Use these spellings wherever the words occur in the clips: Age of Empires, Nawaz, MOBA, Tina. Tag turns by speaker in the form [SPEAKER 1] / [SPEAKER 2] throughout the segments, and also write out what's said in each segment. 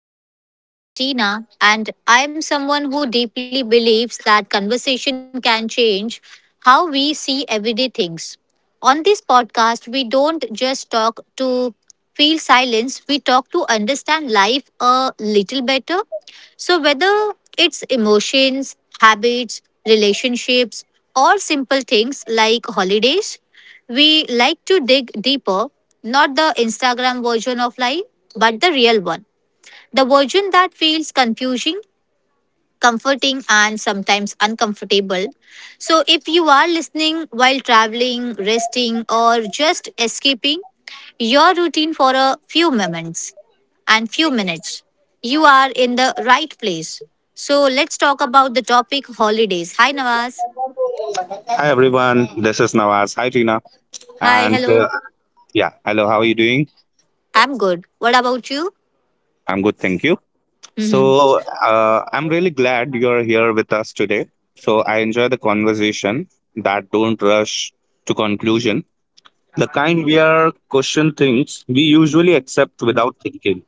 [SPEAKER 1] our podcast. I am Tina, and I am someone who deeply believes that conversation can change how we see everyday things. On this podcast, we don't just talk to feel silence, we talk to understand life a little better. So, whether it's emotions, habits, relationships, or simple things like holidays, we like to dig deeper, not the Instagram version of life, but the real one. The version that feels confusing, comforting, and sometimes uncomfortable. So, if you are listening while traveling, resting, or just escaping your routine for a few moments and few minutes, you are in the right place. So, let's talk about the topic holidays. Hi, Nawaz.
[SPEAKER 2] Hi everyone, this is Nawaz. Hi Tina.
[SPEAKER 1] Hi,
[SPEAKER 2] And
[SPEAKER 1] hello.
[SPEAKER 2] uh, yeah, hello, how are you doing?
[SPEAKER 1] I'm good. What about you?
[SPEAKER 2] I'm good, thank you.
[SPEAKER 1] Hmm.
[SPEAKER 2] I'm really glad you're here with us today. So I enjoy the conversation that don't rush to conclusion, the kind where question things we usually accept without thinking.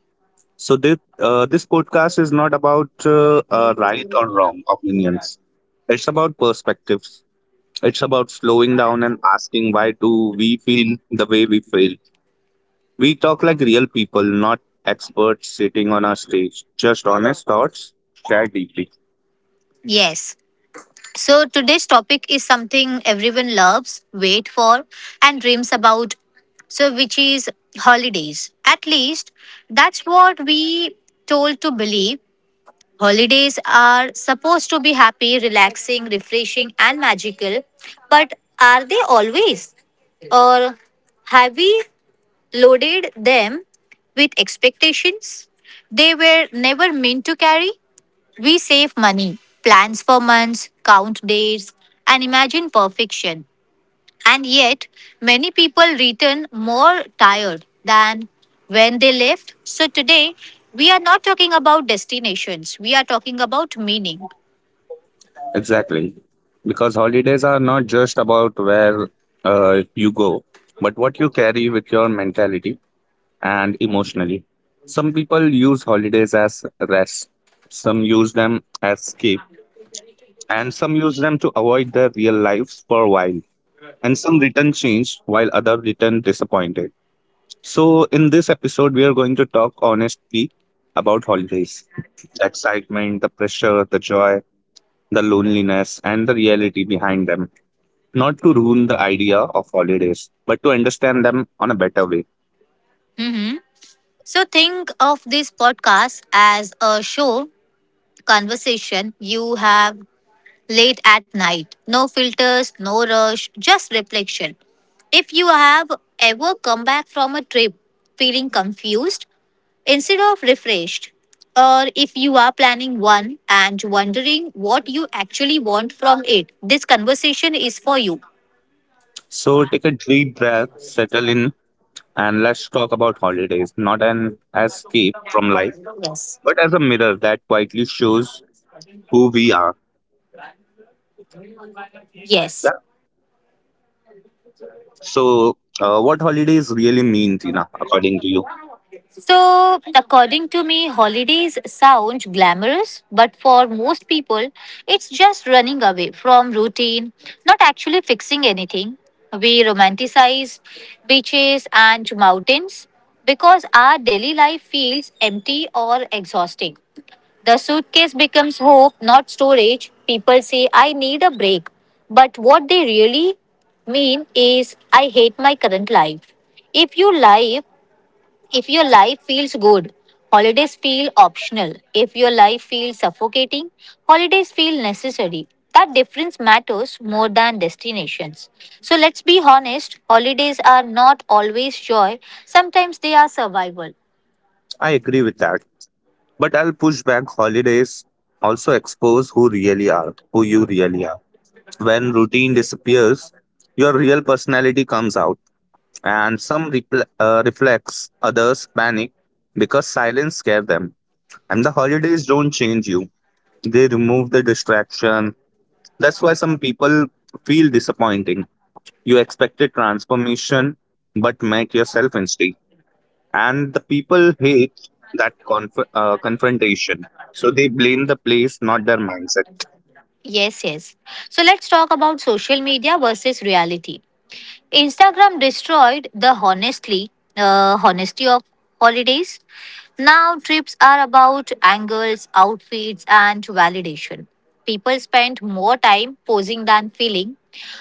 [SPEAKER 2] So this podcast is not about right or wrong opinions. It's about perspectives. It's about slowing down and asking why do we feel the way we feel. We talk like real people, not experts sitting on a stage. Just honest thoughts, shared deeply.
[SPEAKER 1] Yes. So today's topic is something everyone loves, wait for, and dreams about. So, which is holidays. At least that's what we told to believe. Holidays are supposed to be happy, relaxing, refreshing, and magical. But are they always? Or have we loaded them with expectations they were never meant to carry? We save money, plans for months, count days, and imagine perfection. And yet, many people return more tired than when they left. So, today, we are not talking about destinations, we are talking about meaning.
[SPEAKER 2] Exactly. Because holidays are not just about where you go, but what you carry with your mentality and emotionally. Some people use holidays as rest, some use them as escape, and some use them to avoid their real lives for a while. And some return changed, while others return disappointed. So, in this episode, we are going to talk honestly about holidays, the excitement, the pressure, the joy, the loneliness, and the reality behind them. Not to ruin the idea of holidays, but to understand them on a better way.
[SPEAKER 1] So, think of this podcast as a show conversation you have late at night. No filters, no rush, just reflection. If you have ever come back from a trip feeling confused instead of refreshed, or if you are planning one and wondering what you actually want from it, this conversation is for you.
[SPEAKER 2] So, take a deep breath, settle in, and let's talk about holidays not an escape from life, but as a mirror that quietly shows who we are.
[SPEAKER 1] Yes.
[SPEAKER 2] Yeah. So, what holidays really mean, Tina, according to you?
[SPEAKER 1] So, according to me, holidays sound glamorous, but for most people, it's just running away from routine, not actually fixing anything. We romanticize beaches and mountains because our daily life feels empty or exhausting. The suitcase becomes hope, not storage. People say, I need a break. But what they really mean is, I hate my current life. If your life if your life feels good, holidays feel optional. If your life feels suffocating, holidays feel necessary. That difference matters more than destinations. So let's be honest, holidays are not always joy, sometimes they are survival.
[SPEAKER 2] I agree with that. But I'll push back holidays also expose who really are, who you really are. When routine disappears, your real personality comes out, and some reflex, others panic because silence scare them. And the holidays don't change you; they remove the distraction. That's why some people feel disappointing. You expected transformation, but met yourself instead, and the people hate that confrontation, so they blame the place, not their mindset.
[SPEAKER 1] Yes, yes. So let's talk about social media versus reality. Instagram destroyed the honestly honesty of holidays. Now trips are about angles, outfits, and validation. People spend more time posing than feeling.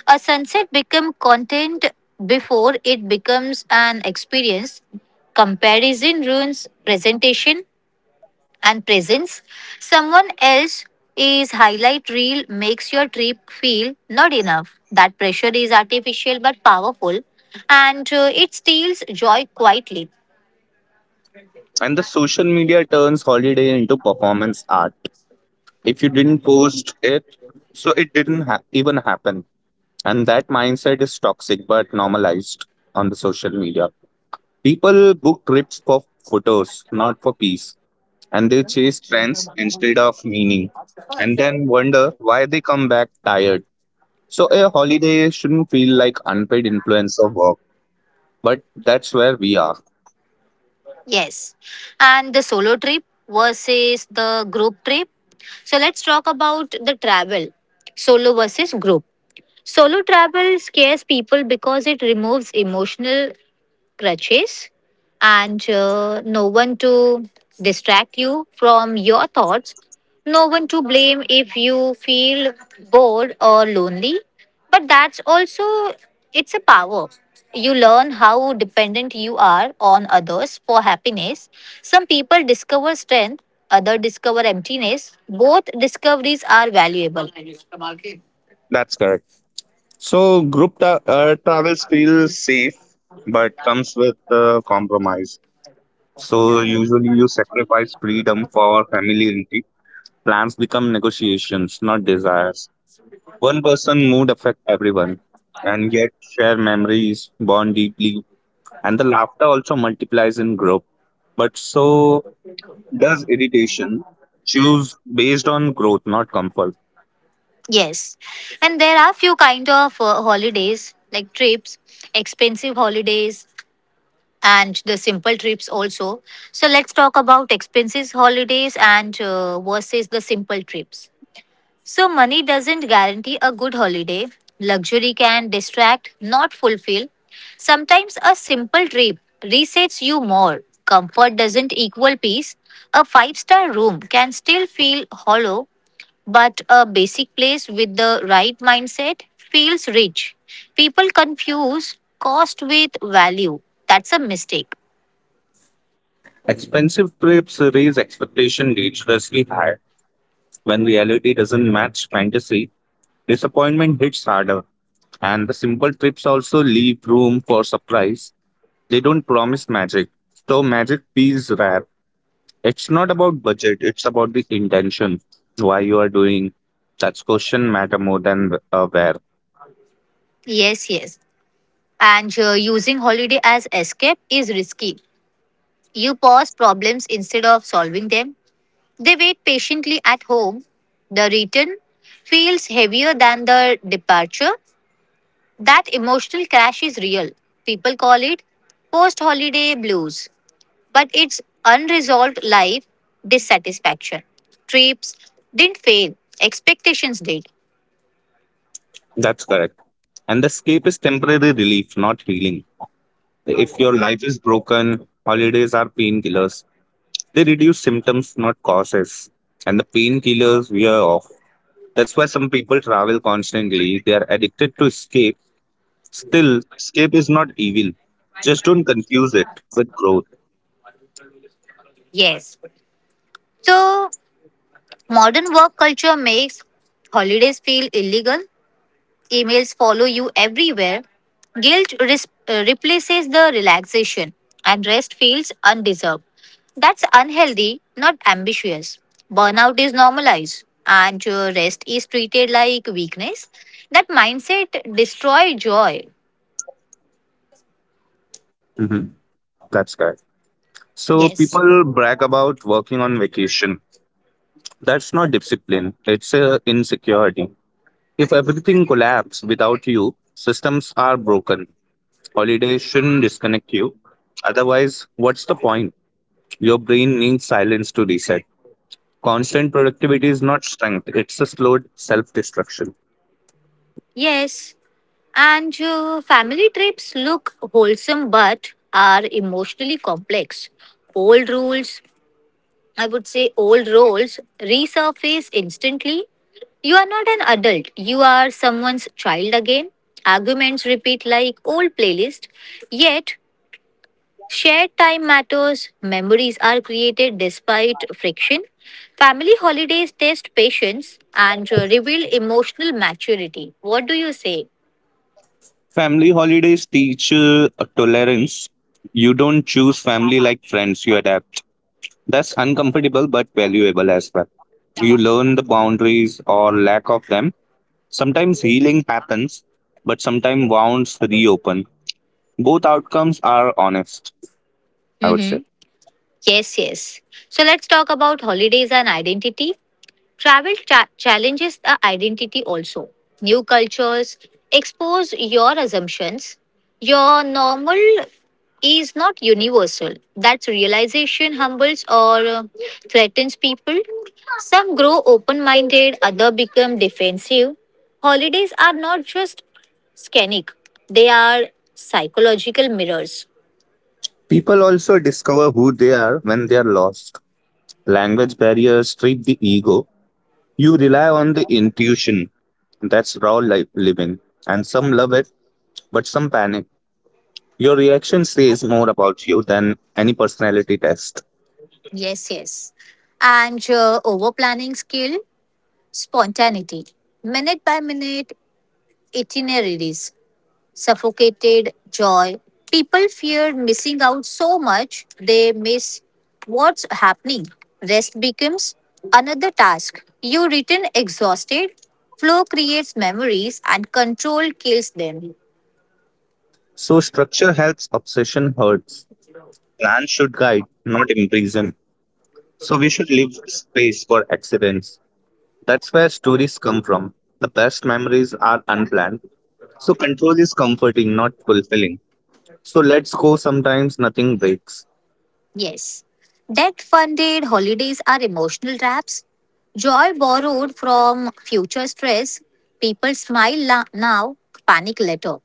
[SPEAKER 1] A sunset becomes content before it becomes an experience. Comparison ruins presentation and presence. Someone else is highlight reel makes your trip feel not enough. That pressure is artificial but powerful, and it steals joy quietly.
[SPEAKER 2] And the social media turns holiday into performance art. If you didn't post it, so it didn't ha- even happen, and that mindset is toxic but normalized on the social media. People book trips for photos, not for peace, and they chase trends instead of meaning, and then wonder why they come back tired. So a holiday shouldn't feel like unpaid influence of work, but that's where we are.
[SPEAKER 1] Yes. And the solo trip versus the group trip. So let's talk about the travel solo versus group. Solo travel scares people because it removes emotional crutches, and no one to distract you from your thoughts, no one to blame if you feel bored or lonely. But that's also it's a power. You learn how dependent you are on others for happiness. Some people discover strength, others discover emptiness. Both discoveries are valuable.
[SPEAKER 2] That's correct. So travels feel safe, but comes with compromise. So usually you sacrifice freedom for familiarity. Plans become negotiations, not desires. One person mood affect everyone, and yet share memories, bond deeply, and the laughter also multiplies in group. But so does irritation. Choose based on growth, not comfort?
[SPEAKER 1] Yes, and there are few kind of holidays like trips, expensive holidays, and the simple trips also. So let's talk about expensive holidays and versus the simple trips. So, money doesn't guarantee a good holiday. Luxury can distract, not fulfill. Sometimes a simple trip resets you more. Comfort doesn't equal peace. A five-star room can still feel hollow, but a basic place with the right mindset feels rich. People confuse cost with value. That's a mistake.
[SPEAKER 2] Expensive trips raise expectation dangerously high. When reality doesn't match fantasy, disappointment hits harder. And the simple trips also leave room for surprise. They don't promise magic. So magic feels rare. It's not about budget, it's about the intention. Why you are doing, that's question matter more than where.
[SPEAKER 1] Yes, yes. And using holiday as escape is risky. You pause problems instead of solving them. They wait patiently at home. The return feels heavier than the departure. That emotional crash is real. People call it post holiday blues, but it's unresolved life dissatisfaction. Trips didn't fail, expectations did.
[SPEAKER 2] That's correct. And the escape is temporary relief, not healing. If your life is broken, holidays are painkillers. They reduce symptoms, not causes. And the painkillers wear off. That's why some people travel constantly. They are addicted to escape. Still, escape is not evil. Just don't confuse it with growth.
[SPEAKER 1] Yes. So, modern work culture makes holidays feel illegal. Emails follow you everywhere. Guilt replaces the relaxation, and rest feels undeserved. That's unhealthy, not ambitious. Burnout is normalized, and rest is treated like weakness. That mindset destroys joy.
[SPEAKER 2] Mhm. That's correct. So
[SPEAKER 1] Yes.
[SPEAKER 2] people brag about working on vacation. That's not discipline. It's a insecurity. If everything collapses without you, systems are broken. Holidays shouldn't disconnect you. Otherwise, what's the point? Your brain needs silence to reset. Constant productivity is not strength, it's a slow self destruction.
[SPEAKER 1] Yes. And family trips look wholesome but are emotionally complex. Old rules, I would say old roles resurface instantly. You are not an adult, you are someone's child again. Arguments repeat like old playlist. Yet, shared time matters, memories are created despite friction. Family holidays test patience and reveal emotional maturity. What do you say?
[SPEAKER 2] Family holidays teach tolerance. You don't choose family like friends, you adapt. That's uncomfortable but valuable as well. You learn the boundaries or lack of them. Sometimes healing happens, but sometimes wounds reopen. Both outcomes are honest, I would say.
[SPEAKER 1] Mm-hmm. Yes, yes. So let's talk about holidays and identity. Travel challenges the identity also. New cultures expose your assumptions. Your normal is not universal. That realization humbles or threatens people. Some grow open minded, others become defensive. Holidays are not just scenic, they are psychological mirrors.
[SPEAKER 2] People also discover who they are when they are lost. Language barriers strip the ego. You rely on the intuition. That's raw life living. And some love it, but some panic. Your reaction says more about you than any personality test.
[SPEAKER 1] Yes, yes. And over planning skill, spontaneity. Minute by minute, itineraries suffocated joy. People feared missing out so much they miss what's happening. Rest becomes another task. You return exhausted. Flow creates memories and control kills them.
[SPEAKER 2] So structure helps, obsession hurts. Plan should guide, not imprison. So we should leave space for accidents. That's where stories come from. The best memories are unplanned. So control is comforting, not fulfilling. So let's go sometimes nothing breaks.
[SPEAKER 1] Yes. Debt funded holidays are emotional traps. Joy borrowed from future stress. People smile now, panic later.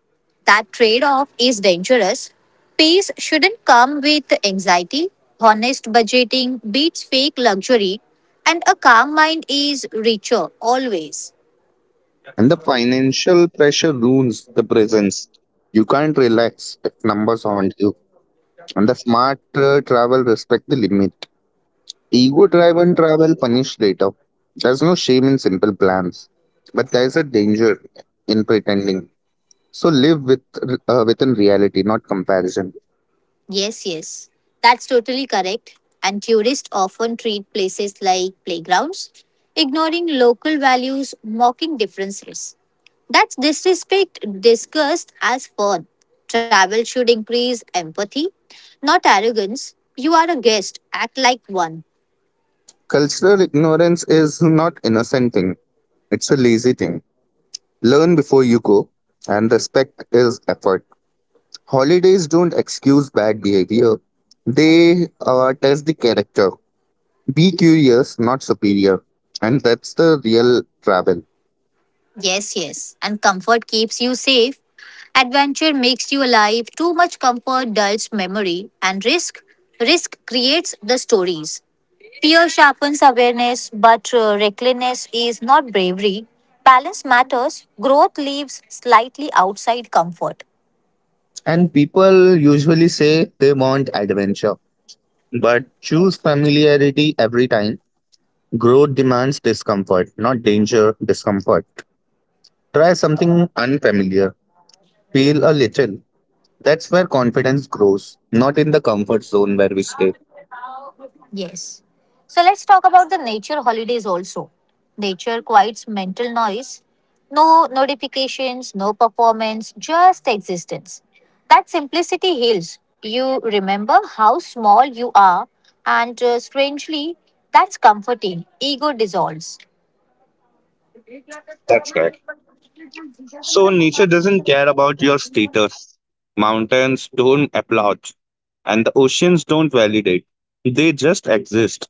[SPEAKER 1] That trade off is dangerous. Peace shouldn't come with anxiety. Honest budgeting beats fake luxury, and a calm mind is richer always.
[SPEAKER 2] And the financial pressure ruins the presence. You can't relax if numbers haunt you. And the smart travel respect the limit. Ego driven travel punish later. There's no shame in simple plans, but there's a danger in pretending. So live with within reality, not comparison.
[SPEAKER 1] Yes, yes, that's totally correct. And tourists often treat places like playgrounds, ignoring local values, mocking differences. That's disrespect discussed as fun. Travel should increase empathy, not arrogance. You are a guest, act like one.
[SPEAKER 2] Cultural ignorance is not innocent thing. It's a lazy thing. Learn before you go, and respect is effort. Holidays don't excuse bad behavior, they test the character. Be curious, not superior. And that's the real travel.
[SPEAKER 1] Yes, yes. And comfort keeps you safe. Adventure makes you alive. Too much comfort dulls memory. And risk creates the stories. Fear sharpens awareness, but recklessness is not bravery. Balance matters. Growth lives slightly outside comfort.
[SPEAKER 2] And people usually say they want adventure, but choose familiarity every time. Growth demands discomfort, not danger, discomfort. Try something unfamiliar, feel a little. That's where confidence grows, not in the comfort zone where we stay.
[SPEAKER 1] Yes. So let's talk about the nature holidays also. Nature quiets mental noise. No notifications, no performance, just existence. That simplicity heals. You remember how small you are, and strangely, that's comforting. Ego dissolves.
[SPEAKER 2] That's right. So nature doesn't care about your status. Mountains don't applaud, and the oceans don't validate. They just exist.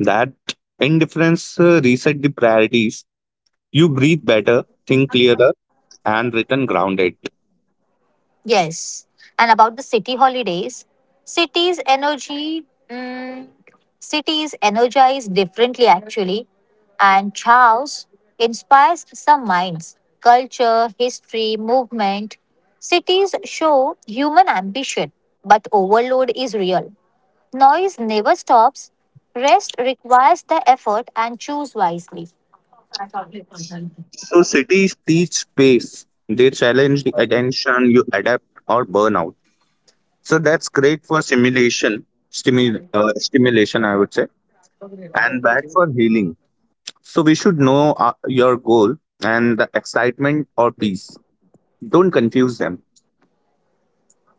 [SPEAKER 2] That indifference reset the priorities. You breathe better, think clearer, and return grounded.
[SPEAKER 1] Yes. And about the city holidays, cities' energy Cities energize differently, actually, and chaos inspires some minds. Culture, history, movement. Cities show human ambition, but overload is real. Noise never stops. Rest requires the effort and choose wisely.
[SPEAKER 2] So cities teach space. They challenge the attention. You adapt or burn out. So that's great for simulation, stimulation, I would say, and bad for healing. So we should know your goal and the excitement or peace. Don't confuse them.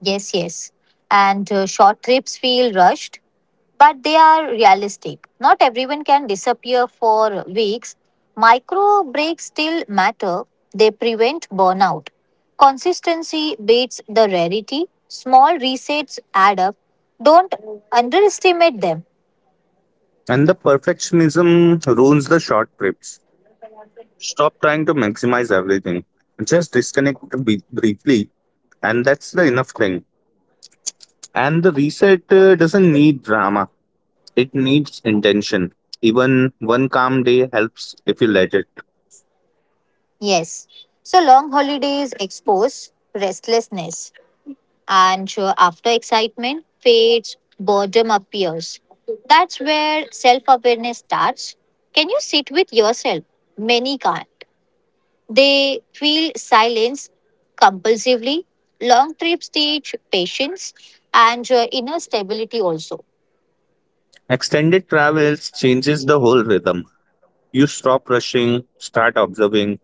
[SPEAKER 1] Yes, yes. And short trips feel rushed, but they are realistic. Not everyone can disappear for weeks. Micro breaks still matter, they prevent burnout. Consistency beats the rarity. Small resets add up. Don't underestimate them.
[SPEAKER 2] And the perfectionism ruins the short trips. Stop trying to maximize everything. Just disconnect briefly, and that's the enough thing. And the reset doesn't need drama, it needs intention. Even one calm day helps if you let it.
[SPEAKER 1] Yes. So long holidays expose restlessness. And sure, after excitement fades, boredom appears. That's where self awareness starts. Can you sit with yourself? Many can't. They feel silence compulsively. Long trips teach patience and inner stability also.
[SPEAKER 2] Extended travels changes the whole rhythm. You stop rushing, start observing.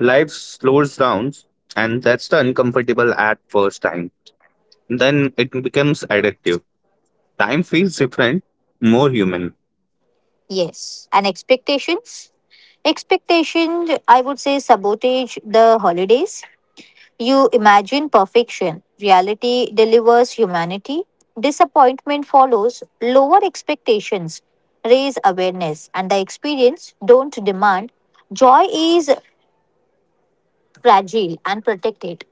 [SPEAKER 2] Life slows down, and that's the uncomfortable at first time. Then it becomes addictive. Time feels different, more human.
[SPEAKER 1] Yes. And expectations? Expectation, I would say, sabotage the holidays. You imagine perfection. Reality delivers humanity. Disappointment follows. Lower expectations raise awareness, and the experience don't demand. Joy is fragile and protected.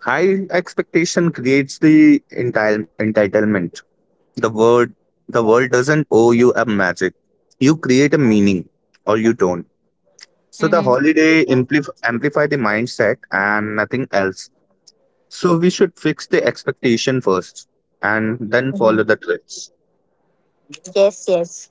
[SPEAKER 2] High expectation creates the entitlement. The word, the world doesn't owe you a magic. You create a meaning, or you don't. So the
[SPEAKER 1] Mhm.
[SPEAKER 2] holiday amplify the mindset and nothing else. So we should fix the expectation first, and then follow the trends.
[SPEAKER 1] Yes, yes.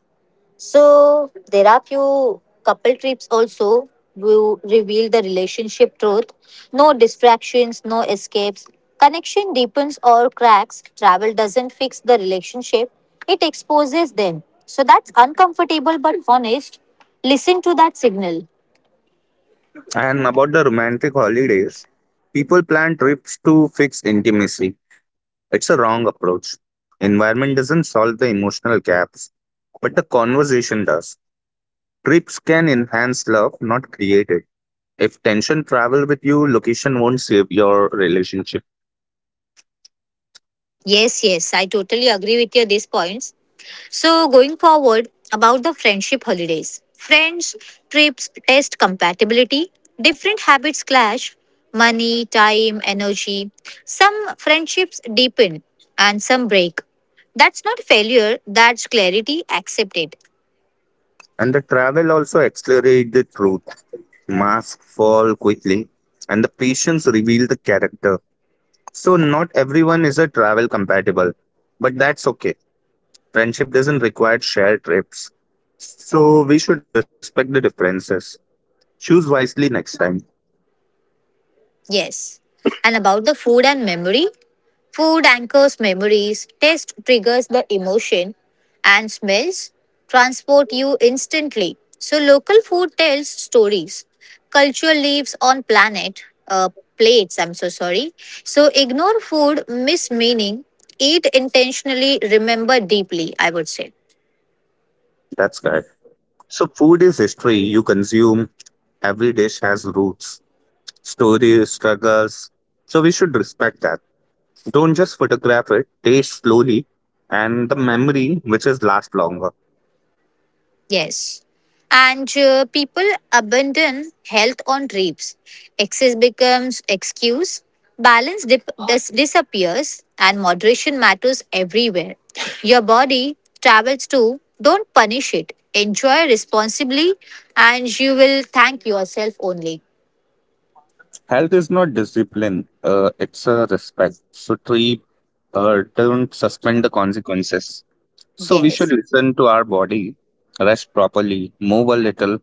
[SPEAKER 1] So there are few couple trips also will reveal the relationship truth. No distractions, no escapes. Connection deepens or cracks. Travel doesn't fix the relationship. It exposes them. So that's uncomfortable but honest. Listen to that signal.
[SPEAKER 2] And about the romantic holidays, people plan trips to fix intimacy. It's a wrong approach. Environment doesn't solve the emotional gaps, but the conversation does. Trips can enhance love, not create it. If tension travel with you, location won't save your relationship.
[SPEAKER 1] Yes, yes, I totally agree with your these points. So, going forward about the friendship holidays, friends trips test compatibility. Different habits clash money, time, energy. Some friendships deepen and some break. That's not failure, that's clarity accepted.
[SPEAKER 2] And the travel also accelerate the truth. Masks fall quickly, and the patience reveal the character. So not everyone is a travel compatible, but that's okay. Friendship doesn't require shared trips. So we should respect the differences. Choose wisely next time.
[SPEAKER 1] Yes. And about the food and memory, food anchors memories, taste triggers the emotion, and smells transport you instantly. So local food tells stories. Culture lives on planet uh, plates. I'm so sorry. So ignore food, miss meaning, eat intentionally, remember deeply. I would say.
[SPEAKER 2] That's correct. So food is history you consume. Every dish has roots, stories, struggles. So we should respect that. Don't just photograph it, taste slowly, and the memory which is last longer.
[SPEAKER 1] Yes. And people abandon health on trips. Excess becomes excuse, balance disappears, and moderation matters everywhere. Your body travels too. Don't punish it. Enjoy responsibly, and you will thank yourself only.
[SPEAKER 2] Health is not discipline, it's a respect. So treat, don't suspend the consequences. So we should
[SPEAKER 1] Yes.
[SPEAKER 2] listen to our body, rest properly, move a little,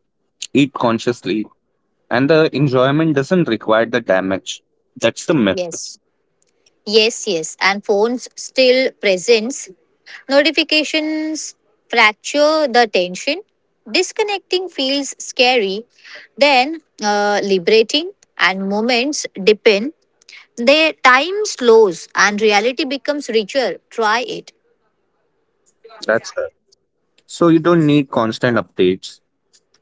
[SPEAKER 2] eat consciously, and the enjoyment doesn't require the damage. That's the myth.
[SPEAKER 1] Yes. Yes, yes, and phones still presence. Notifications fracture the tension. Disconnecting feels scary, then liberating, and moments depend. Their time slows and reality becomes richer. Try it.
[SPEAKER 2] That's correct. So you don't need constant updates.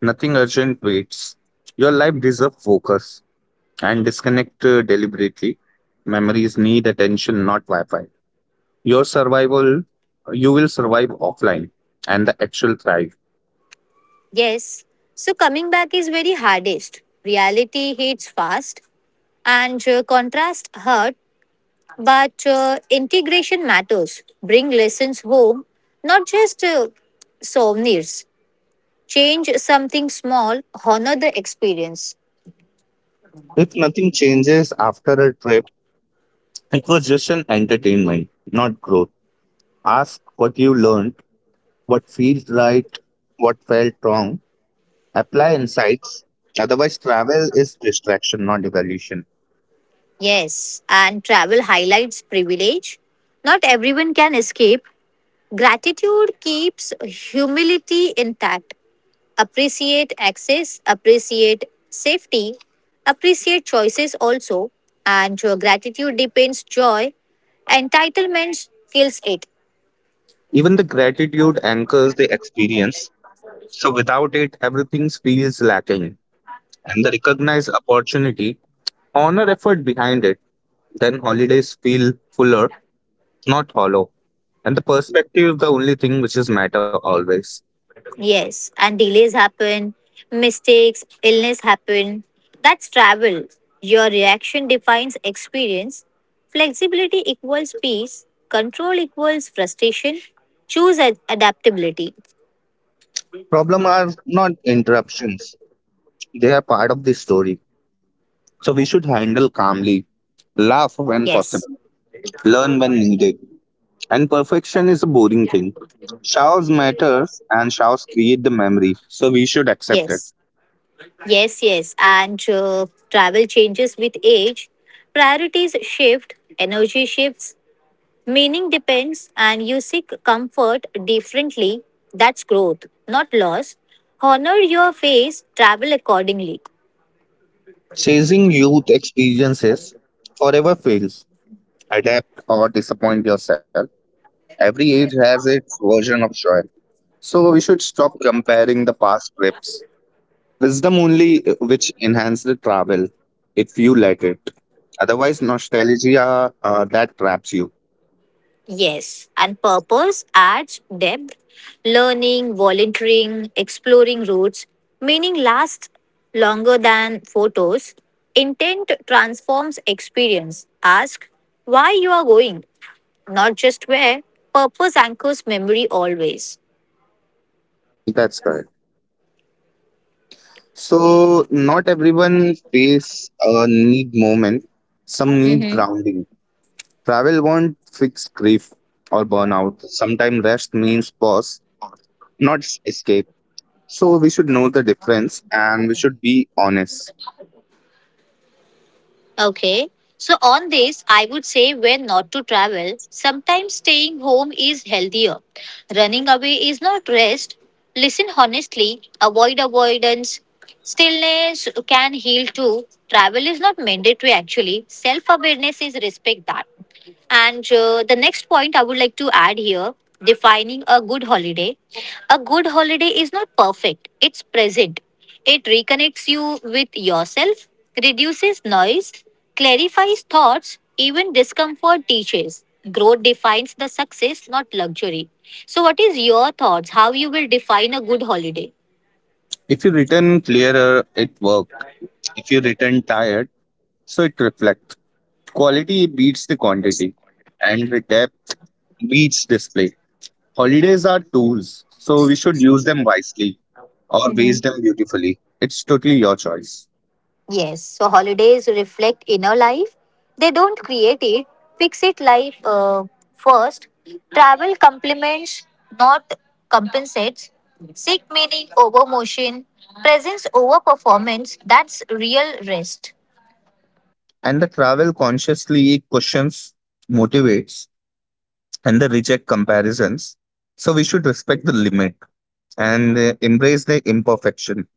[SPEAKER 2] Nothing urgent waits. Your life deserves focus, and disconnect deliberately. Memories need attention, not Wi-Fi. Your survival, you will survive offline, and the actual thrive.
[SPEAKER 1] Yes. So coming back is very hardest. Reality hits fast and contrast hurts. But integration matters. Bring lessons home, not just souvenirs. Change something small, honor the experience.
[SPEAKER 2] If nothing changes after a trip, it was just an entertainment, not growth. Ask what you learned, what feels right, what felt wrong. Apply insights. Otherwise, travel is distraction, not evolution.
[SPEAKER 1] Yes, and travel highlights privilege. Not everyone can escape. Gratitude keeps humility intact. Appreciate access, appreciate safety, appreciate choices also. And your gratitude depends joy. Entitlement kills it.
[SPEAKER 2] Even the gratitude anchors the experience. So without it, everything feels lacking. And the recognize opportunity, honor effort behind it. Then holidays feel fuller, not hollow. And the perspective is the only thing which is matter always.
[SPEAKER 1] Yes, and delays happen, mistakes, illness happen. That's travel. Your reaction defines experience. Flexibility equals peace, control equals frustration. Choose adaptability.
[SPEAKER 2] Problem are not interruptions. They are part of the story. So we should handle calmly. Laugh when
[SPEAKER 1] Yes,
[SPEAKER 2] possible. Learn when needed. And perfection is a boring thing. Showers matters and showers create the memory, so we should accept it.
[SPEAKER 1] yes, yes, yes. And travel changes with age. Priorities shift, energy shifts, meaning depends, and you seek comfort differently. That's growth, not loss. Honor your phase, travel accordingly.
[SPEAKER 2] Chasing youth experiences forever fails. Adapt or disappoint yourself. Every age has its version of joy. So we should stop comparing the past trips. Wisdom only which enhance the travel if you let it. Otherwise, nostalgia that traps you.
[SPEAKER 1] Yes, and purpose adds depth, learning, volunteering, exploring routes. Meaning lasts longer than photos. Intent transforms experience. Ask why you are going, not just where. Purpose anchors memory always.
[SPEAKER 2] That's correct. So not everyone face a need moment. Some need grounding. Travel won't fix grief or burnout. Sometimes rest means pause, not s- escape. So we should know the difference and we should be honest.
[SPEAKER 1] Okay. So, on this, I would say when not to travel, sometimes staying home is healthier. Running away is not rest. Listen honestly, avoid avoidance. Stillness can heal too. Travel is not mandatory actually. Self awareness is respect that. And the next point I would like to add here defining a good holiday. A good holiday is not perfect, it's present. It reconnects you with yourself, reduces noise, clarifies thoughts, even discomfort teaches. Growth defines the success, not luxury. So, what is your thoughts? How you will define a good holiday?
[SPEAKER 2] If you return clearer, it worked. If you return tired, so it reflects. Quality beats the quantity, and the depth beats display. Holidays are tools, so we should use them wisely, or
[SPEAKER 1] Mm-hmm.
[SPEAKER 2] waste them beautifully. It's totally your choice.
[SPEAKER 1] Yes, so holidays reflect inner life. They don't create it, fix it life first. Travel complements, not compensates. Seek meaning over motion, presence over performance. That's real rest.
[SPEAKER 2] And the travel consciously questions, motivates, and the reject comparisons. So we should respect the limit and embrace the imperfection.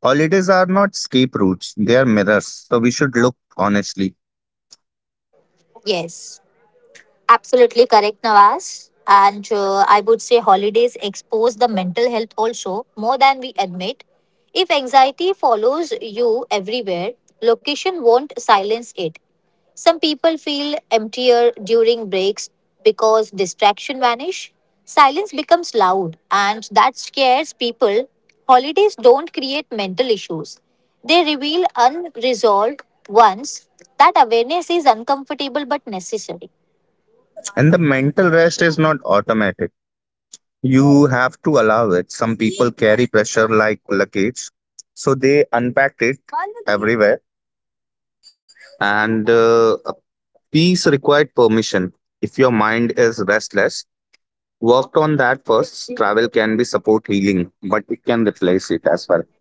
[SPEAKER 2] Holidays are not escape routes, they are mirrors. So we should look honestly.
[SPEAKER 1] Yes. Absolutely correct, Nawaz. And I would say holidays expose the mental health also more than we admit. If anxiety follows you everywhere, location won't silence it. Some people feel emptier during breaks because distraction vanish. Silence becomes loud and that scares people. Holidays don't create mental issues. They reveal unresolved ones. That awareness is uncomfortable but necessary.
[SPEAKER 2] And the mental rest is not automatic. You have to allow it. Some people carry pressure like luggage. So they unpacked it everywhere and peace required permission. If your mind is restless, work on that first. Travel can be support healing, but it can replace it as well.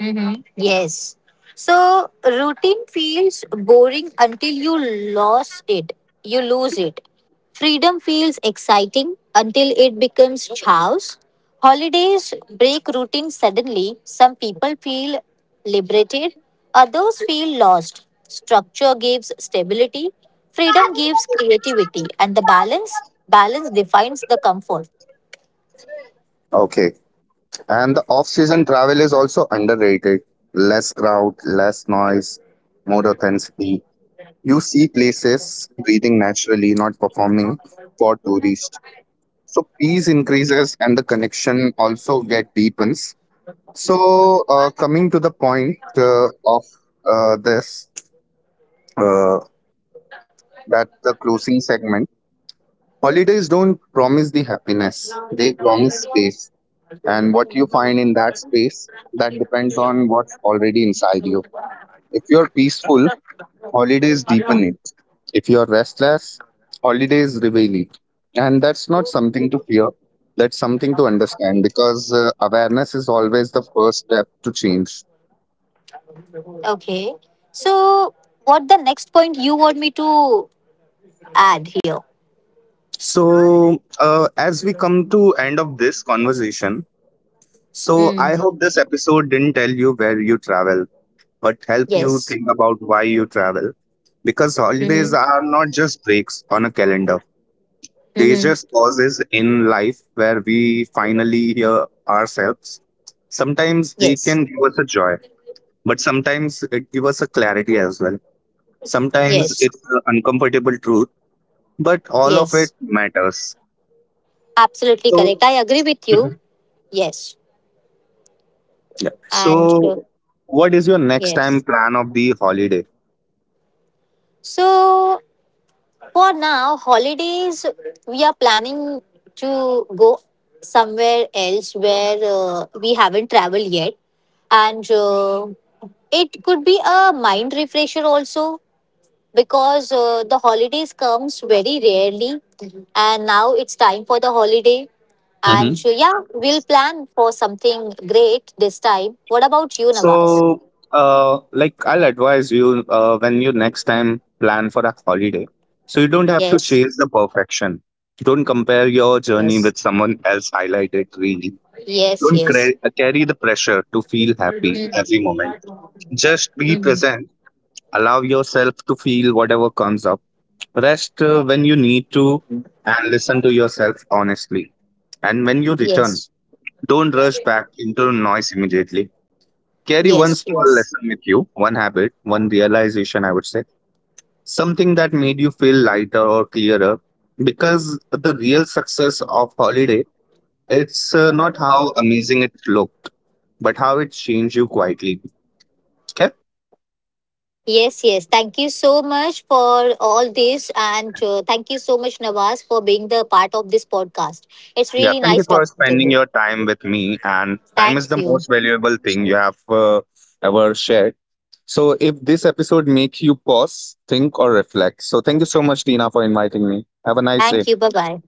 [SPEAKER 1] Mm-hmm. Yes. So routine feels boring until you lose it. You lose it. Freedom feels exciting until it becomes chaos. Holidays break routine suddenly. Some people feel liberated, others feel lost. Structure gives stability, freedom gives creativity, and the balance defines the comfort.
[SPEAKER 2] Okay. And the off season travel is also underrated. Less crowd, less noise, more authenticity. You see places breathing naturally, not performing for tourists. So peace increases and the connection also get deepens. So coming to the point of this, uh, that's the closing segment. Holidays don't promise the happiness, they promise space. And what you find in that space, that depends on what's already inside you. If you're peaceful, holidays deepen it. If you're restless, holidays reveal it. And that's not something to fear, that's something to understand, because awareness is always the first step to change.
[SPEAKER 1] Okay. So what the next point you want me to add here.
[SPEAKER 2] So, as we come to end of this conversation, so I
[SPEAKER 1] Mm.
[SPEAKER 2] hope this episode didn't tell you where you travel, but help you
[SPEAKER 1] Yes.
[SPEAKER 2] think about why you travel. Because holidays
[SPEAKER 1] Mm-hmm.
[SPEAKER 2] are not just breaks on a calendar, they
[SPEAKER 1] Mm-hmm.
[SPEAKER 2] just pauses in life where we finally hear ourselves. Sometimes they
[SPEAKER 1] Yes.
[SPEAKER 2] can give us a joy, but sometimes it gives us a clarity as well. Sometimes
[SPEAKER 1] Yes.
[SPEAKER 2] it's an uncomfortable truth, but all of it
[SPEAKER 1] Yes.
[SPEAKER 2] matters.
[SPEAKER 1] Absolutely correct.
[SPEAKER 2] So,
[SPEAKER 1] I agree with you.
[SPEAKER 2] mhm,
[SPEAKER 1] Yes.
[SPEAKER 2] yeah.
[SPEAKER 1] And
[SPEAKER 2] So, what is your next time
[SPEAKER 1] yes.
[SPEAKER 2] plan of the holiday?
[SPEAKER 1] So for now, holidays, we are planning to go somewhere else where we haven't traveled yet. And it could be a mind refresher also because the holidays comes very rarely and now it's time for the holiday. And
[SPEAKER 2] Mhm.
[SPEAKER 1] yeah, we'll plan for something great this time. What about you, Nawaz?
[SPEAKER 2] So, like I'll advise you when you next time plan for a holiday. So you don't have to
[SPEAKER 1] Yes,
[SPEAKER 2] chase the perfection. Don't compare your journey
[SPEAKER 1] yes,
[SPEAKER 2] with someone else highlighted really.
[SPEAKER 1] yes,
[SPEAKER 2] Don't
[SPEAKER 1] yes.
[SPEAKER 2] cra- uh, carry the pressure to feel happy
[SPEAKER 1] Mm.
[SPEAKER 2] every moment. Just be
[SPEAKER 1] Mhm.
[SPEAKER 2] present. Allow yourself to feel whatever comes up. Rest when you need to, and listen to yourself honestly. And when you return,
[SPEAKER 1] Yes,
[SPEAKER 2] don't rush back into noise immediately. Carry one
[SPEAKER 1] yes,
[SPEAKER 2] small
[SPEAKER 1] yes.
[SPEAKER 2] lesson with you, one habit, one realization, I would say, something that made you feel lighter or clearer. Because the real success of holiday, it's not how amazing it looked, but how it changed you quietly. Okay.
[SPEAKER 1] Yes, yes. Thank you so much for all this. And thank you so much, Nawaz, for being the part of this podcast. It's
[SPEAKER 2] Yeah.
[SPEAKER 1] really
[SPEAKER 2] Thank you
[SPEAKER 1] nice
[SPEAKER 2] for
[SPEAKER 1] talking to
[SPEAKER 2] spending
[SPEAKER 1] you.
[SPEAKER 2] your time with me. And time
[SPEAKER 1] Thank
[SPEAKER 2] is the
[SPEAKER 1] you.
[SPEAKER 2] most valuable thing you have ever shared. So if this episode makes you pause, think, or reflect. So thank you so much, Tina, for inviting me. Have a nice day.
[SPEAKER 1] Thank you. Bye bye.